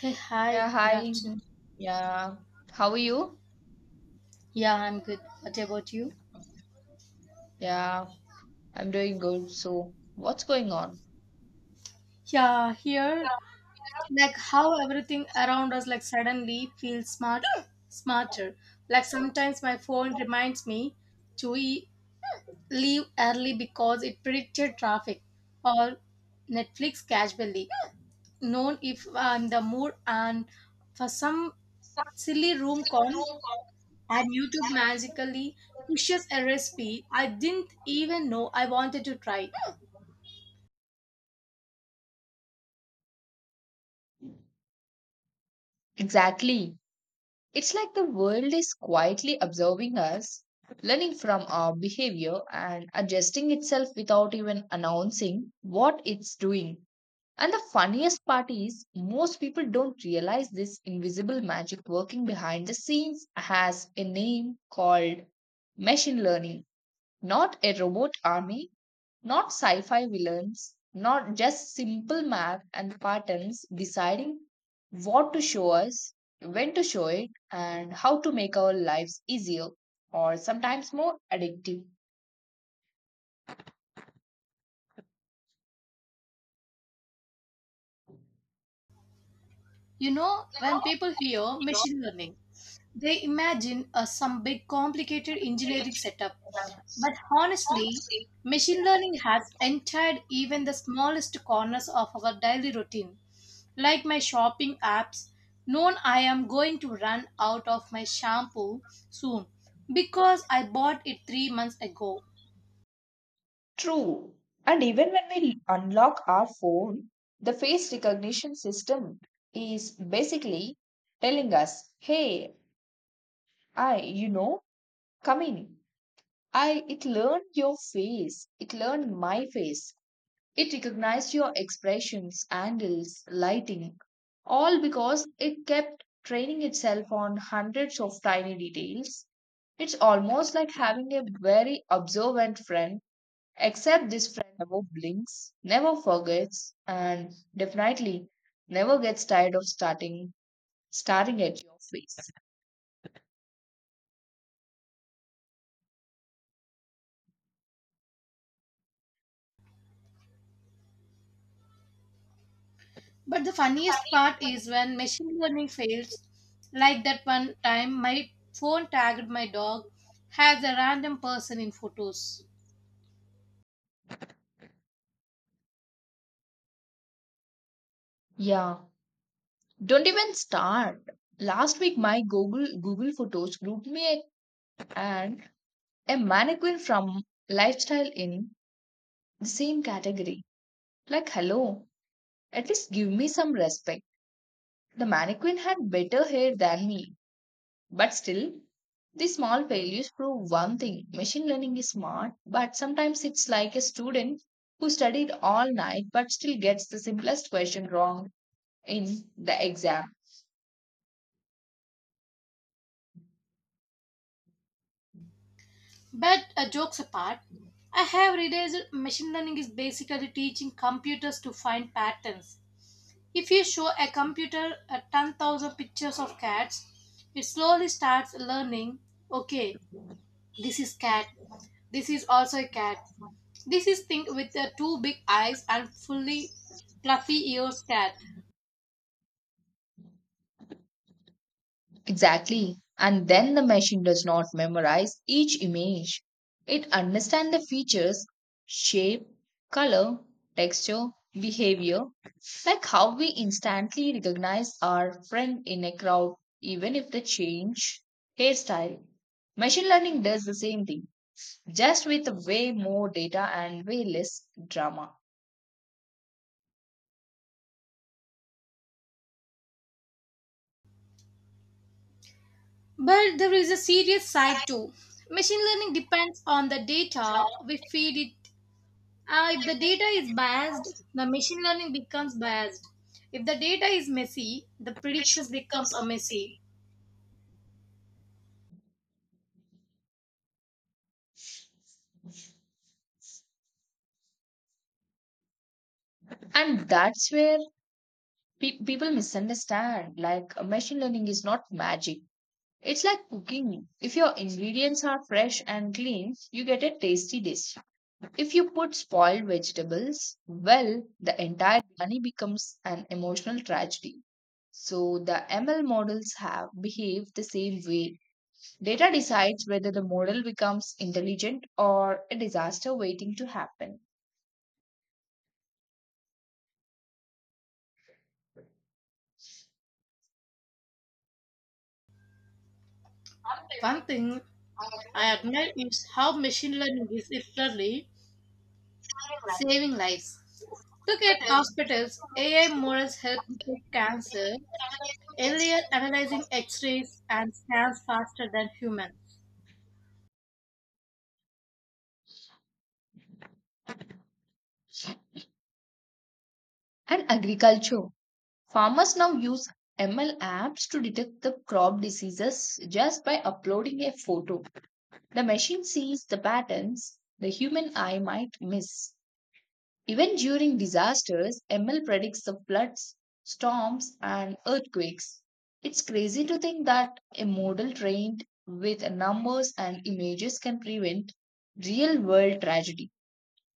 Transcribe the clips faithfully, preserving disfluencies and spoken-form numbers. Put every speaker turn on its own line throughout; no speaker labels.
Hey, hi,
Yeah,
good
hi.
afternoon.
Yeah. How are you?
Yeah, I'm good. What about you?
Yeah, I'm doing good. So, what's going on?
Yeah, here, like how everything around us like suddenly feels smart smarter. Like sometimes my phone reminds me to e- leave early because it predicted traffic or Netflix casually. Known if I'm in the mood and for some silly room con and YouTube magically pushes a recipe I didn't even know I wanted to try.
Exactly. It's like the world is quietly observing us, learning from our behavior and adjusting itself without even announcing what it's doing. And the funniest part is, most people don't realize this invisible magic working behind the scenes has a name called machine learning. Not a robot army, not sci fi villains, not just simple math and patterns deciding what to show us, when to show it, and how to make our lives easier or sometimes more addictive.
You know, when people hear machine learning, they imagine uh, some big complicated engineering setup. But honestly, machine learning has entered even the smallest corners of our daily routine, like my shopping apps. Known I am going to run out of my shampoo soon because I bought it three months ago.
True. And even when we unlock our phone, the face recognition system is basically telling us, hey, I, you know, come in. I It learned your face. It learned my face. It recognized your expressions, angles, lighting, all because it kept training itself on hundreds of tiny details. It's almost like having a very observant friend, except this friend never blinks, never forgets, and definitely never gets tired of starting staring at your face.
But the funniest part is when machine learning fails, like that one time my phone tagged my dog as a random person in photos.
Yeah. Don't even start. Last week, my Google Google Photos grouped me a- and a mannequin from lifestyle in the same category. Like, hello, at least give me some respect. The mannequin had better hair than me, but still, these small failures prove one thing: machine learning is smart, but sometimes it's like a student who studied all night but still gets the simplest question wrong in the exam.
But uh, jokes apart, I have realized machine learning is basically teaching computers to find patterns. If you show a computer uh, ten thousand pictures of cats, it slowly starts learning okay, this is cat, this is also a cat, this is think with the two big eyes and fully fluffy ears cat.
Exactly. And then the machine does not memorize each image. It understands the features, shape, color, texture, behavior, like how we instantly recognize our friend in a crowd, even if they change hairstyle. Machine learning does the same thing, just with way more data and way less drama.
But there is a serious side too. Machine learning depends on the data we feed it. Uh, if the data is biased, the machine learning becomes biased. If the data is messy, the predictions becomes a messy.
And that's where pe- people misunderstand. Like, uh, machine learning is not magic. It's like cooking. If your ingredients are fresh and clean, you get a tasty dish. If you put spoiled vegetables, well, the entire journey becomes an emotional tragedy. So the M L models have behaved the same way. Data decides whether the model becomes intelligent or a disaster waiting to happen.
One thing I admire is how machine learning is literally saving lives. Look at hospitals. A I models help detect cancer earlier, analyzing x rays and scans faster than humans.
And agriculture. Farmers now use M L apps to detect the crop diseases just by uploading a photo. The machine sees the patterns the human eye might miss. Even during disasters, M L predicts the floods, storms, and earthquakes. It's crazy to think that a model trained with numbers and images can prevent real world tragedy.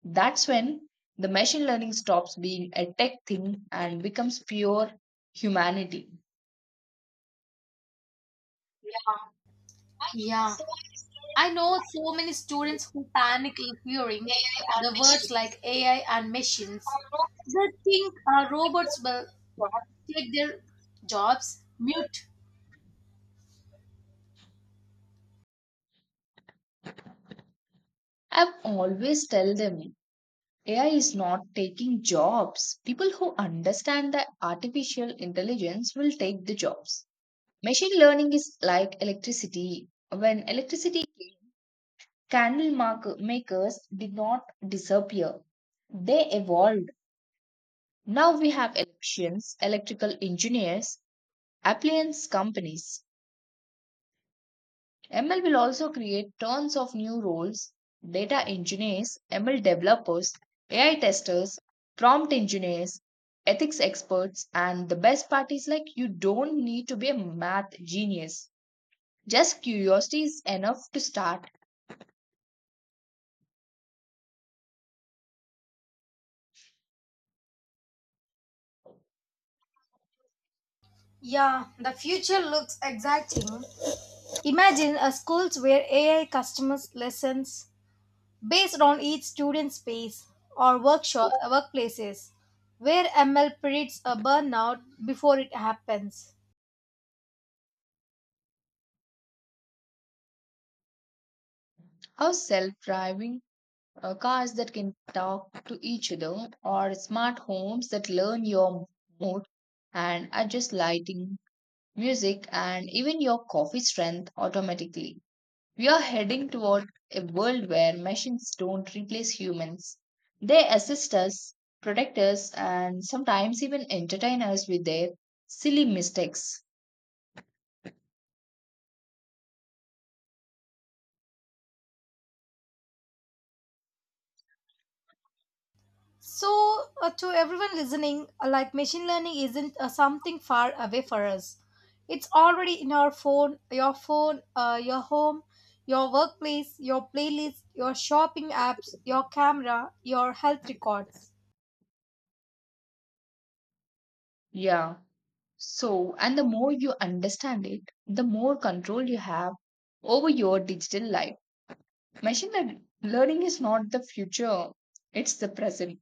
That's when the machine learning stops being a tech thing and becomes pure humanity.
Yeah, I know so many students who panic in hearing the words like A I and machines. They think our robots will take their jobs. Mute.
I've always tell them A I is not taking jobs. People who understand that artificial intelligence will take the jobs. Machine learning is like electricity. When electricity came, candle mark- makers did not disappear, they evolved. Now we have elections, electrical engineers, appliance companies. M L will also create tons of new roles: data engineers, M L developers, A I testers, prompt engineers, ethics experts, and the best part is like you don't need to be a math genius. Just curiosity is enough to start.
Yeah, the future looks exciting. Imagine a schools where A I customers lessons based on each student's space or workshop uh, workplaces where ml predicts a burnout before it happens
How self driving uh, cars that can talk to each other, or smart homes that learn your mood and adjust lighting, music, and even your coffee strength automatically. We are heading toward a world where machines don't replace humans. They assist us, protect us, and sometimes even entertain us with their silly mistakes.
so uh, to everyone listening uh, like machine learning isn't uh, something far away for us, it's already in our phone, your phone, uh, your home, your workplace, your playlist, your shopping apps, your camera, your health records.
Yeah. So, and the more you understand it, the more control you have over your digital life. Machine lear- learning is not the future, it's the present.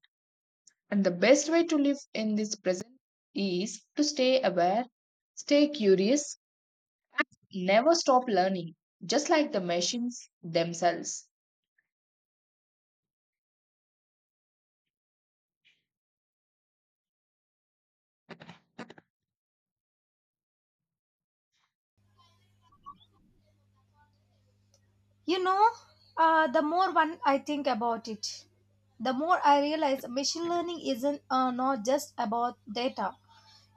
And the best way to live in this present is to stay aware, stay curious, never stop learning, just like the machines themselves.
You know, uh, the more one I think about it, the more I realize machine learning isn't uh, not just about data.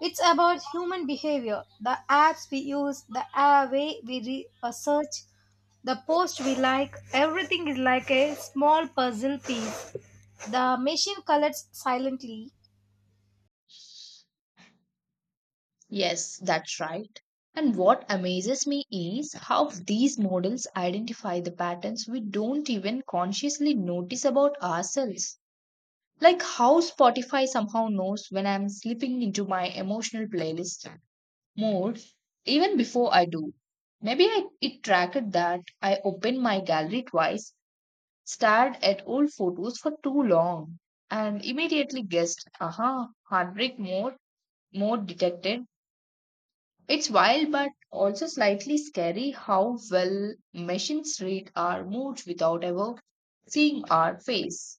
It's about human behavior, the apps we use, the uh, way we re- uh, search, the post we like. Everything is like a small puzzle piece. The machine collects silently.
Yes, that's right. And what amazes me is how these models identify the patterns we don't even consciously notice about ourselves. Like how Spotify somehow knows when I'm slipping into my emotional playlist mode even before I do. Maybe I, it tracked that I opened my gallery twice, stared at old photos for too long, and immediately guessed, aha, heartbreak mode, mode detected. It's wild but also slightly scary how well machines read our moods without ever seeing our face.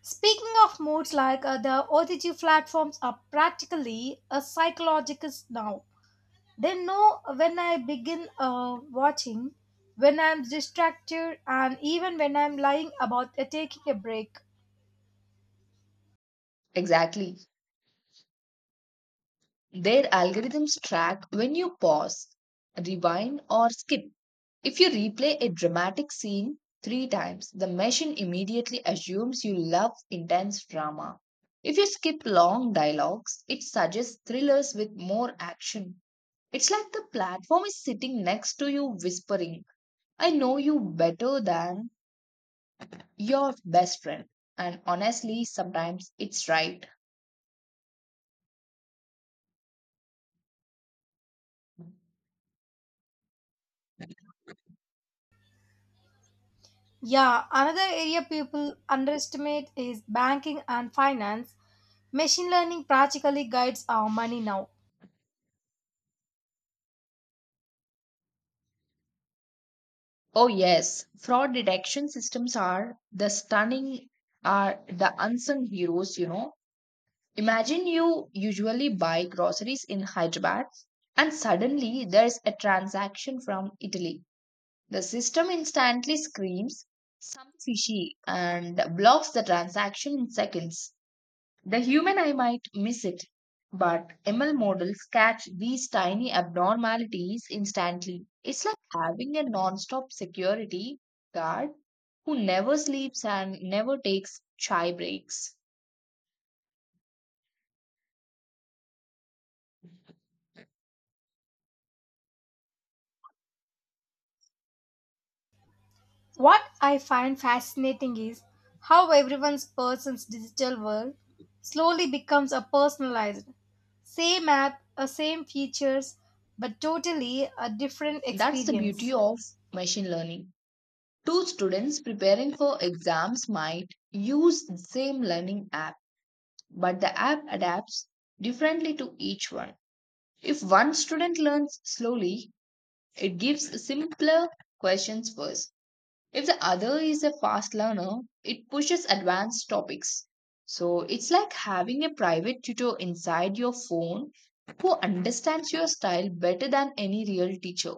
Speaking of moods, like uh, the O T G platforms are practically a psychologist now. They know when I begin uh, watching, when I'm distracted, and even when I'm lying about uh, taking a break.
Exactly. Their algorithms track when you pause, rewind, or skip. If you replay a dramatic scene three times, the machine immediately assumes you love intense drama. If you skip long dialogues, it suggests thrillers with more action. It's like the platform is sitting next to you, whispering, I know you better than your best friend. And honestly, sometimes it's right.
Yeah, another area people underestimate is banking and finance. Machine learning practically guides our money now.
Oh yes, fraud detection systems are the stunning are the unsung heroes, you know. Imagine you usually buy groceries in Hyderabad and suddenly there's a transaction from Italy. The system instantly screams some fishy and blocks the transaction in seconds. The human eye might miss it, but M L models catch these tiny abnormalities instantly. It's like having a non-stop security guard who never sleeps and never takes chai breaks.
What I find fascinating is how everyone's person's digital world slowly becomes a personalized. Same app, a same features, but totally a different
That's the beauty
experience.
of machine learning. Two students preparing for exams might use the same learning app, but the app adapts differently to each one. If one student learns slowly, it gives simpler questions first. If the other is a fast learner, it pushes advanced topics. So it's like having a private tutor inside your phone who understands your style better than any real teacher.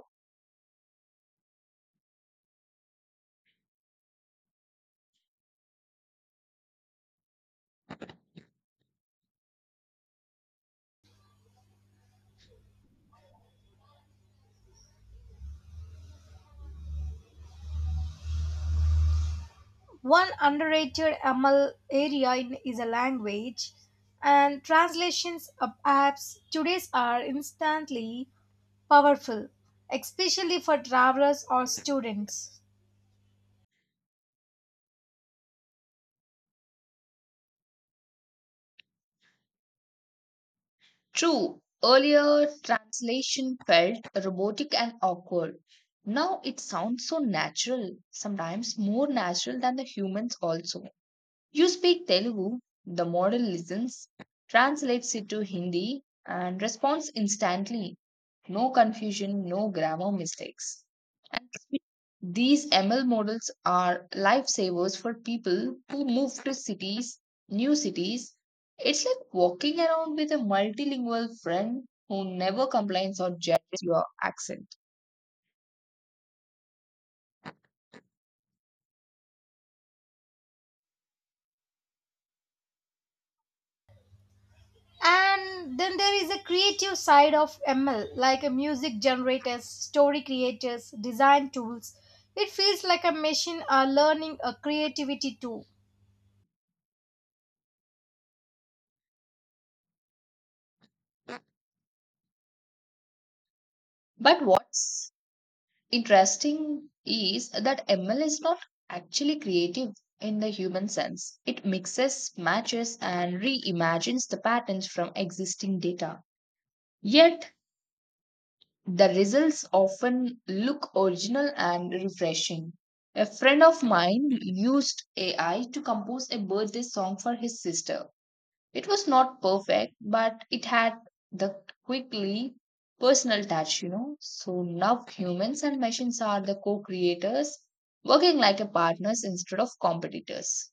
One underrated M L area in, is a language, and translations of apps today are instantly powerful, especially for travelers or students.
True, earlier translation felt robotic and awkward. Now it sounds so natural, sometimes more natural than the humans also. You speak Telugu, the model listens, translates it to Hindi, and responds instantly, no confusion, no grammar mistakes. And these M L models are lifesavers for people who move to cities, new cities. It's like walking around with a multilingual friend who never complains or judges your accent.
And then there is a creative side of M L, like a music generators, story creators, design tools. It feels like a machine are learning a creativity too.
But what's interesting is that M L is not actually creative in the human sense. It mixes, matches, and reimagines the patterns from existing data. Yet, the results often look original and refreshing. A friend of mine used A I to compose a birthday song for his sister. It was not perfect, but it had the quickly personal touch, you know. So now humans and machines are the co creators, working like a partners instead of competitors.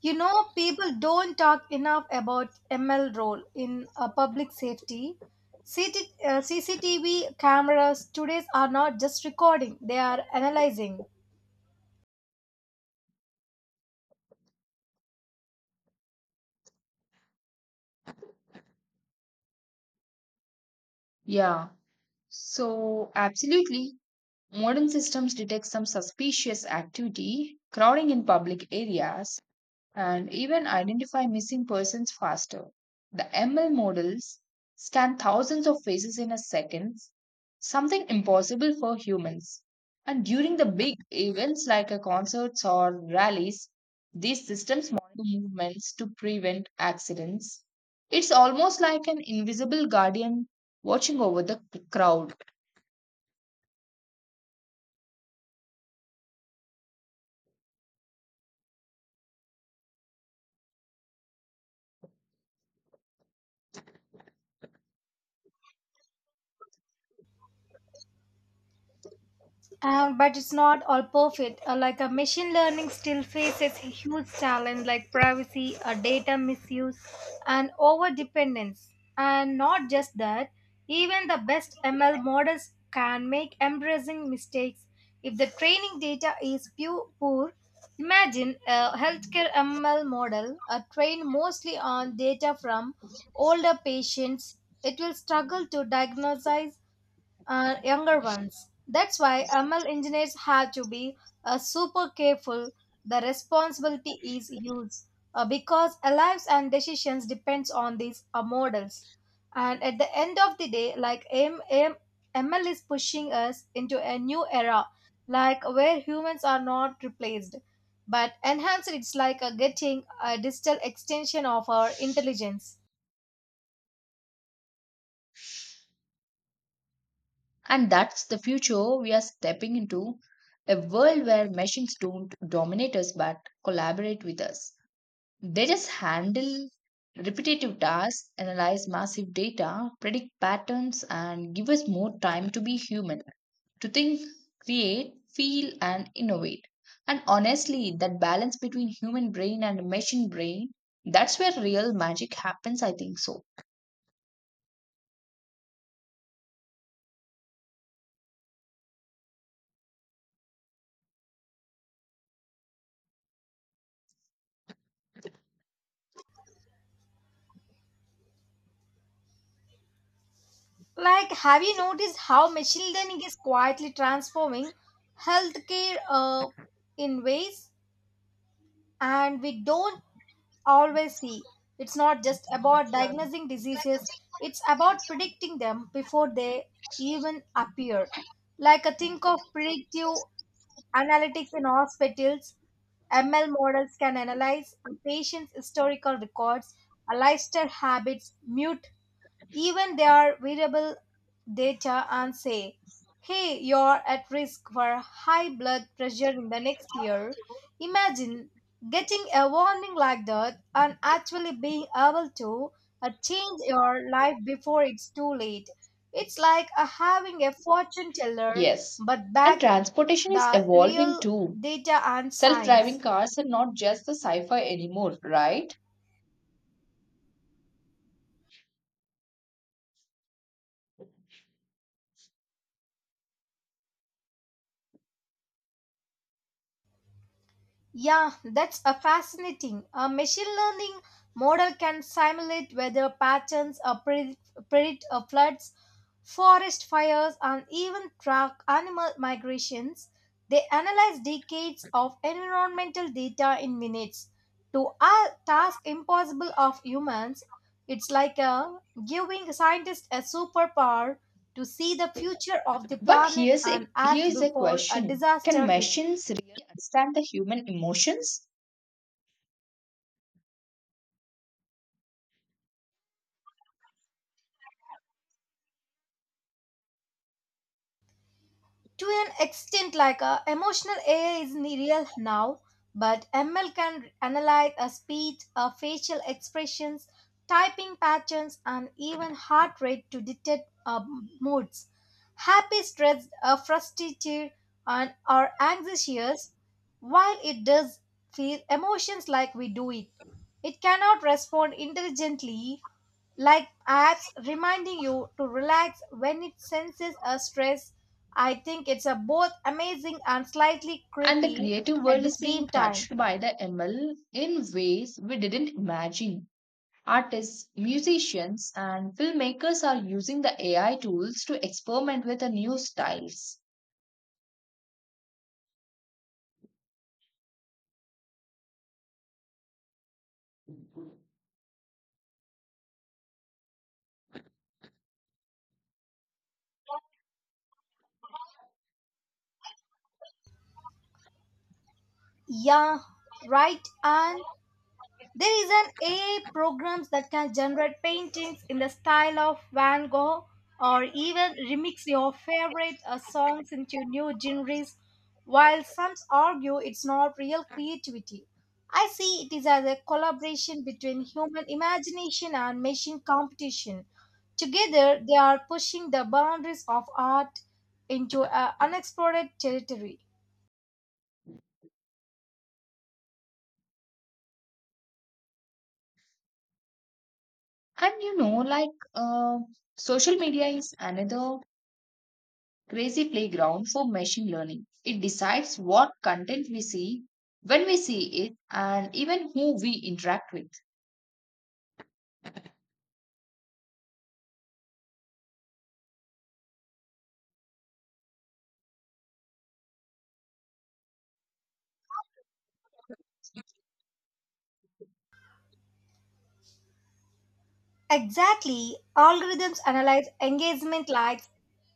You know, people don't talk enough about M L role in uh, public safety. C T, uh, C C T V cameras today are not just recording, they are analyzing.
Yeah, so absolutely. Modern systems detect some suspicious activity, crowding in public areas, and even identify missing persons faster. The M L models scan thousands of faces in a second, something impossible for humans. And during the big events like a concerts or rallies, these systems monitor movements to prevent accidents. It's almost like an invisible guardian watching over the c- crowd.
Um, but it's not all perfect. Uh, like a machine learning still faces a huge challenge like privacy, uh, data misuse, and over dependence. And not just that, even the best M L models can make embarrassing mistakes if the training data is pu- poor. Imagine a healthcare M L model uh, trained mostly on data from older patients. It will struggle to diagnose uh, younger ones. That's why M L engineers have to be uh, super careful. The responsibility is huge uh, because our lives and decisions depends on these uh, models. And at the end of the day, like M- M- ML is pushing us into a new era, like where humans are not replaced, but enhanced. It's like a getting a digital extension of our intelligence.
And that's the future we are stepping into, a world where machines don't dominate us but collaborate with us. They just handle repetitive tasks, analyze massive data, predict patterns, and give us more time to be human, to think, create, feel, and innovate. And honestly, that balance between human brain and machine brain, that's where real magic happens, I think so.
Like, have you noticed how machine learning is quietly transforming healthcare uh, in ways and we don't always see? It's not just about diagnosing diseases, it's about predicting them before they even appear. Like, I think of predictive analytics in hospitals, M L models can analyze a patient's historical records, a lifestyle habits, mute even their variable data and say, hey, you're at risk for high blood pressure in the next year. Imagine getting a warning like that and actually being able to uh, change your life before it's too late. It's like uh, having a fortune teller
Yes.
but
And
backed
transportation is
the
evolving
real
too.
data and
Self driving
science.
cars are not just the sci fi anymore, right?
Yeah, that's a fascinating. A machine learning model can simulate weather patterns, uh, predict, predict uh, floods, forest fires, and even track animal migrations. They analyze decades of environmental data in minutes. To a task impossible of humans, it's like a giving scientists a superpower to see the future of the
But
planet
here's a,
and
here
act
is a
before a
question. Can
disaster hits.
machines really understand the human emotions?
To an extent like a emotional A I is real now, but M L can analyze a speech, a facial expressions, typing patterns, and even heart rate to detect uh, moods. Happy, stressed, uh, frustrated, and or anxious. While it does feel emotions like we do it, it cannot respond intelligently like apps reminding you to relax when it senses a stress. I think it's a both amazing and slightly
And the
creepy
creative
at
world
the
is being
same time.
touched by the M L in ways we didn't imagine. Artists, musicians, and filmmakers are using the A I tools to experiment with the new styles.
Yeah, right. And there is an A I programs that can generate paintings in the style of Van Gogh or even remix your favorite uh, songs into new genres while some argue it's not real creativity. I see it is as a collaboration between human imagination and machine competition. Together, they are pushing the boundaries of art into uh, unexplored territory.
And you know, like uh, Social media is another crazy playground for machine learning. It decides what content we see, when we see it, and even who we interact with.
Exactly. Algorithms analyze engagement likes,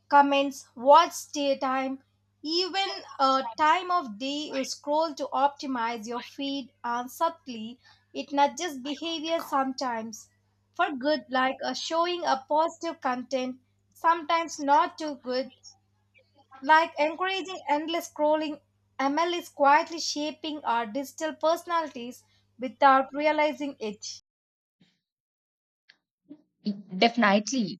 comments, watch stay time, even a time of day you scroll to optimize your feed and subtly it nudges behavior sometimes for good like uh, showing a positive content, sometimes not too good like encouraging endless scrolling. M L is quietly shaping our digital personalities without realizing it.
Definitely.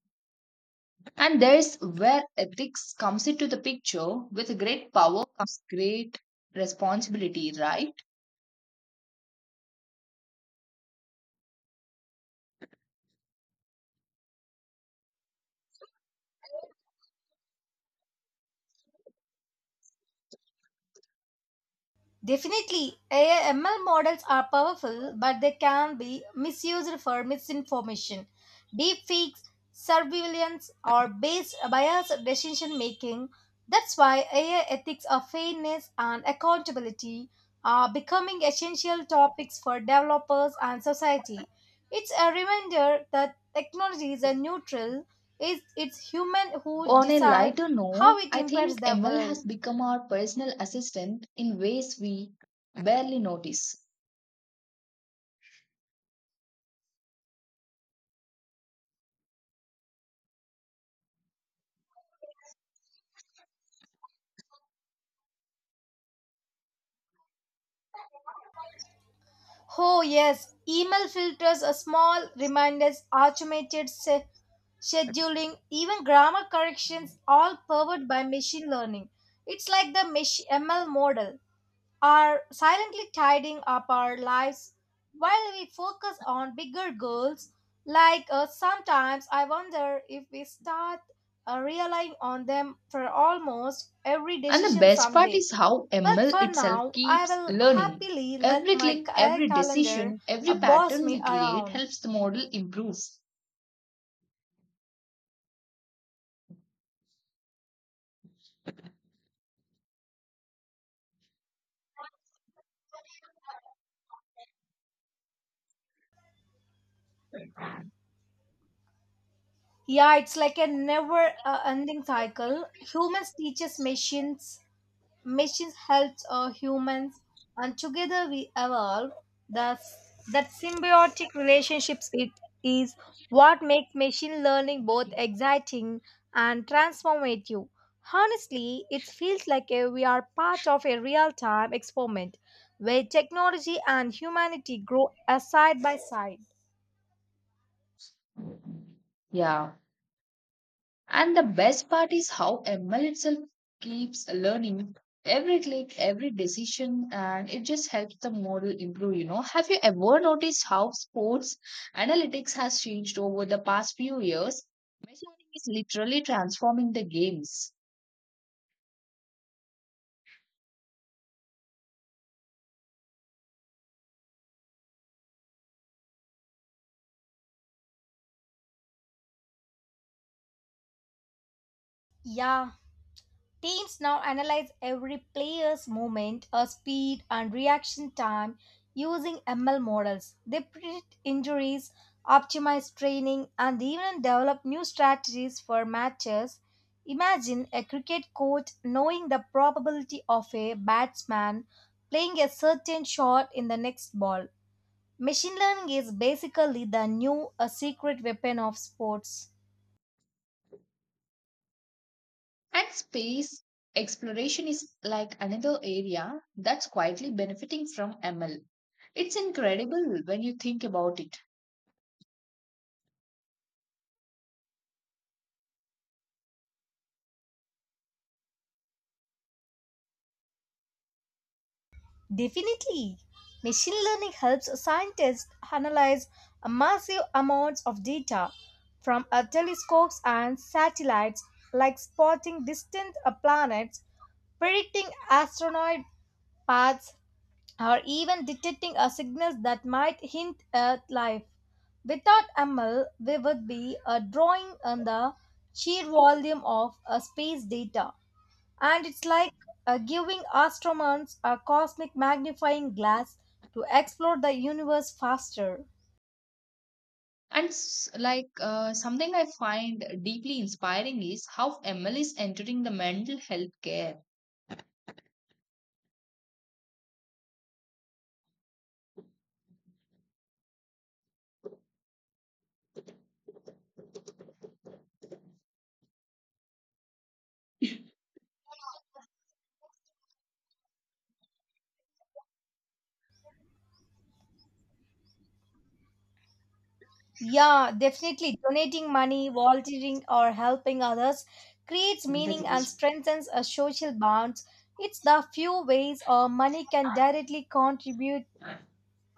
And there's where ethics comes into the picture. With great power comes great responsibility, right?
Definitely, A I models are powerful, but they can be misused for misinformation, deepfakes, surveillance, or based biased decision making. That's why A I ethics of fairness and accountability are becoming essential topics for developers and society. It's a reminder that technology is a neutral, it's, it's human who
On a
decide
lighter
how
note,
it
I
impacts
think
the
M L
world.
has become our personal assistant in ways we barely notice.
Oh, yes, email filters are small reminders, automated se- scheduling, even grammar corrections, all powered by machine learning. It's like the mach- M L model are silently tidying up our lives while we focus on bigger goals. Like uh, sometimes I wonder if we start uh, relying on them for almost every
And the
decision
best part
someday.
is how
But
M L
for
itself
now, I
keeps
will
learning.
happily let
Every
my
click,
ca- eh,
every
calendar
decision,
uh,
every
boss
pattern
me
we create
around.
helps the model improve.
Yeah, it's like a never uh, ending cycle. Humans teaches machines, machines helps uh, humans, and together we evolve, thus that symbiotic relationships it is what makes machine learning both exciting and transformative. Honestly, it feels like uh, we are part of a real-time experiment where technology and humanity grow uh, side by side.
Yeah. And the best part is how M L itself keeps learning, every click, every decision, and it just helps the model improve. You know, have you ever noticed how sports analytics has changed over the past few years? Machine learning is literally transforming the games,
Yeah, teams now analyze every player's movement, uh, speed, and reaction time using M L models. They predict injuries, optimize training, and even develop new strategies for matches. Imagine a cricket coach knowing the probability of a batsman playing a certain shot in the next ball. Machine learning is basically the new a secret weapon of sports.
and space exploration is like another area that's quietly benefiting from M L. It's incredible when you think about it.
Definitely. Machine learning helps scientists analyze massive amounts of data from uh, telescopes and satellites, like spotting distant uh, planets, predicting asteroid paths, or even detecting a signals that might hint at life. Without M L, we would be a drawing on the sheer volume of uh, space data. And it's like uh, giving astronomers a cosmic magnifying glass to explore the universe faster.
And s- like uh, Something I find deeply inspiring is how M L is entering the mental health care.
Yeah, definitely. Donating money, volunteering, or helping others creates
That
meaning and
is.
strengthens a social bonds. It's the few ways our money can directly contribute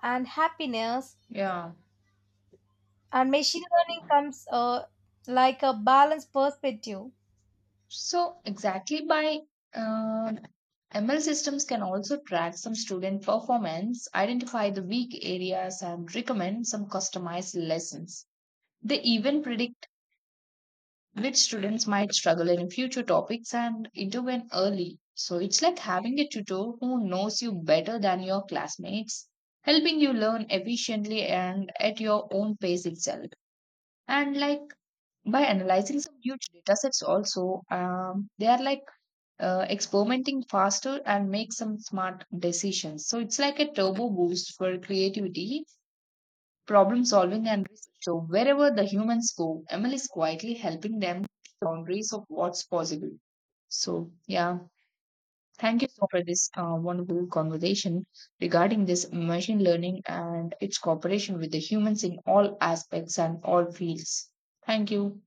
and happiness,
Yeah.
and machine learning comes uh, like a balanced perspective.
So exactly, by uh, M L systems can also track some student performance, identify the weak areas, and recommend some customized lessons. They even predict which students might struggle in future topics and intervene early. So it's like having a tutor who knows you better than your classmates, helping you learn efficiently and at your own pace itself. And like, by analyzing some huge data sets also, um, they are like uh, experimenting faster and make some smart decisions. So it's like a turbo boost for creativity, problem solving and research. So wherever the humans go, Emil is quietly helping them push boundaries of what's possible. So yeah, thank you so much for this uh, wonderful conversation regarding this machine learning and its cooperation with the humans in all aspects and all fields. Thank you.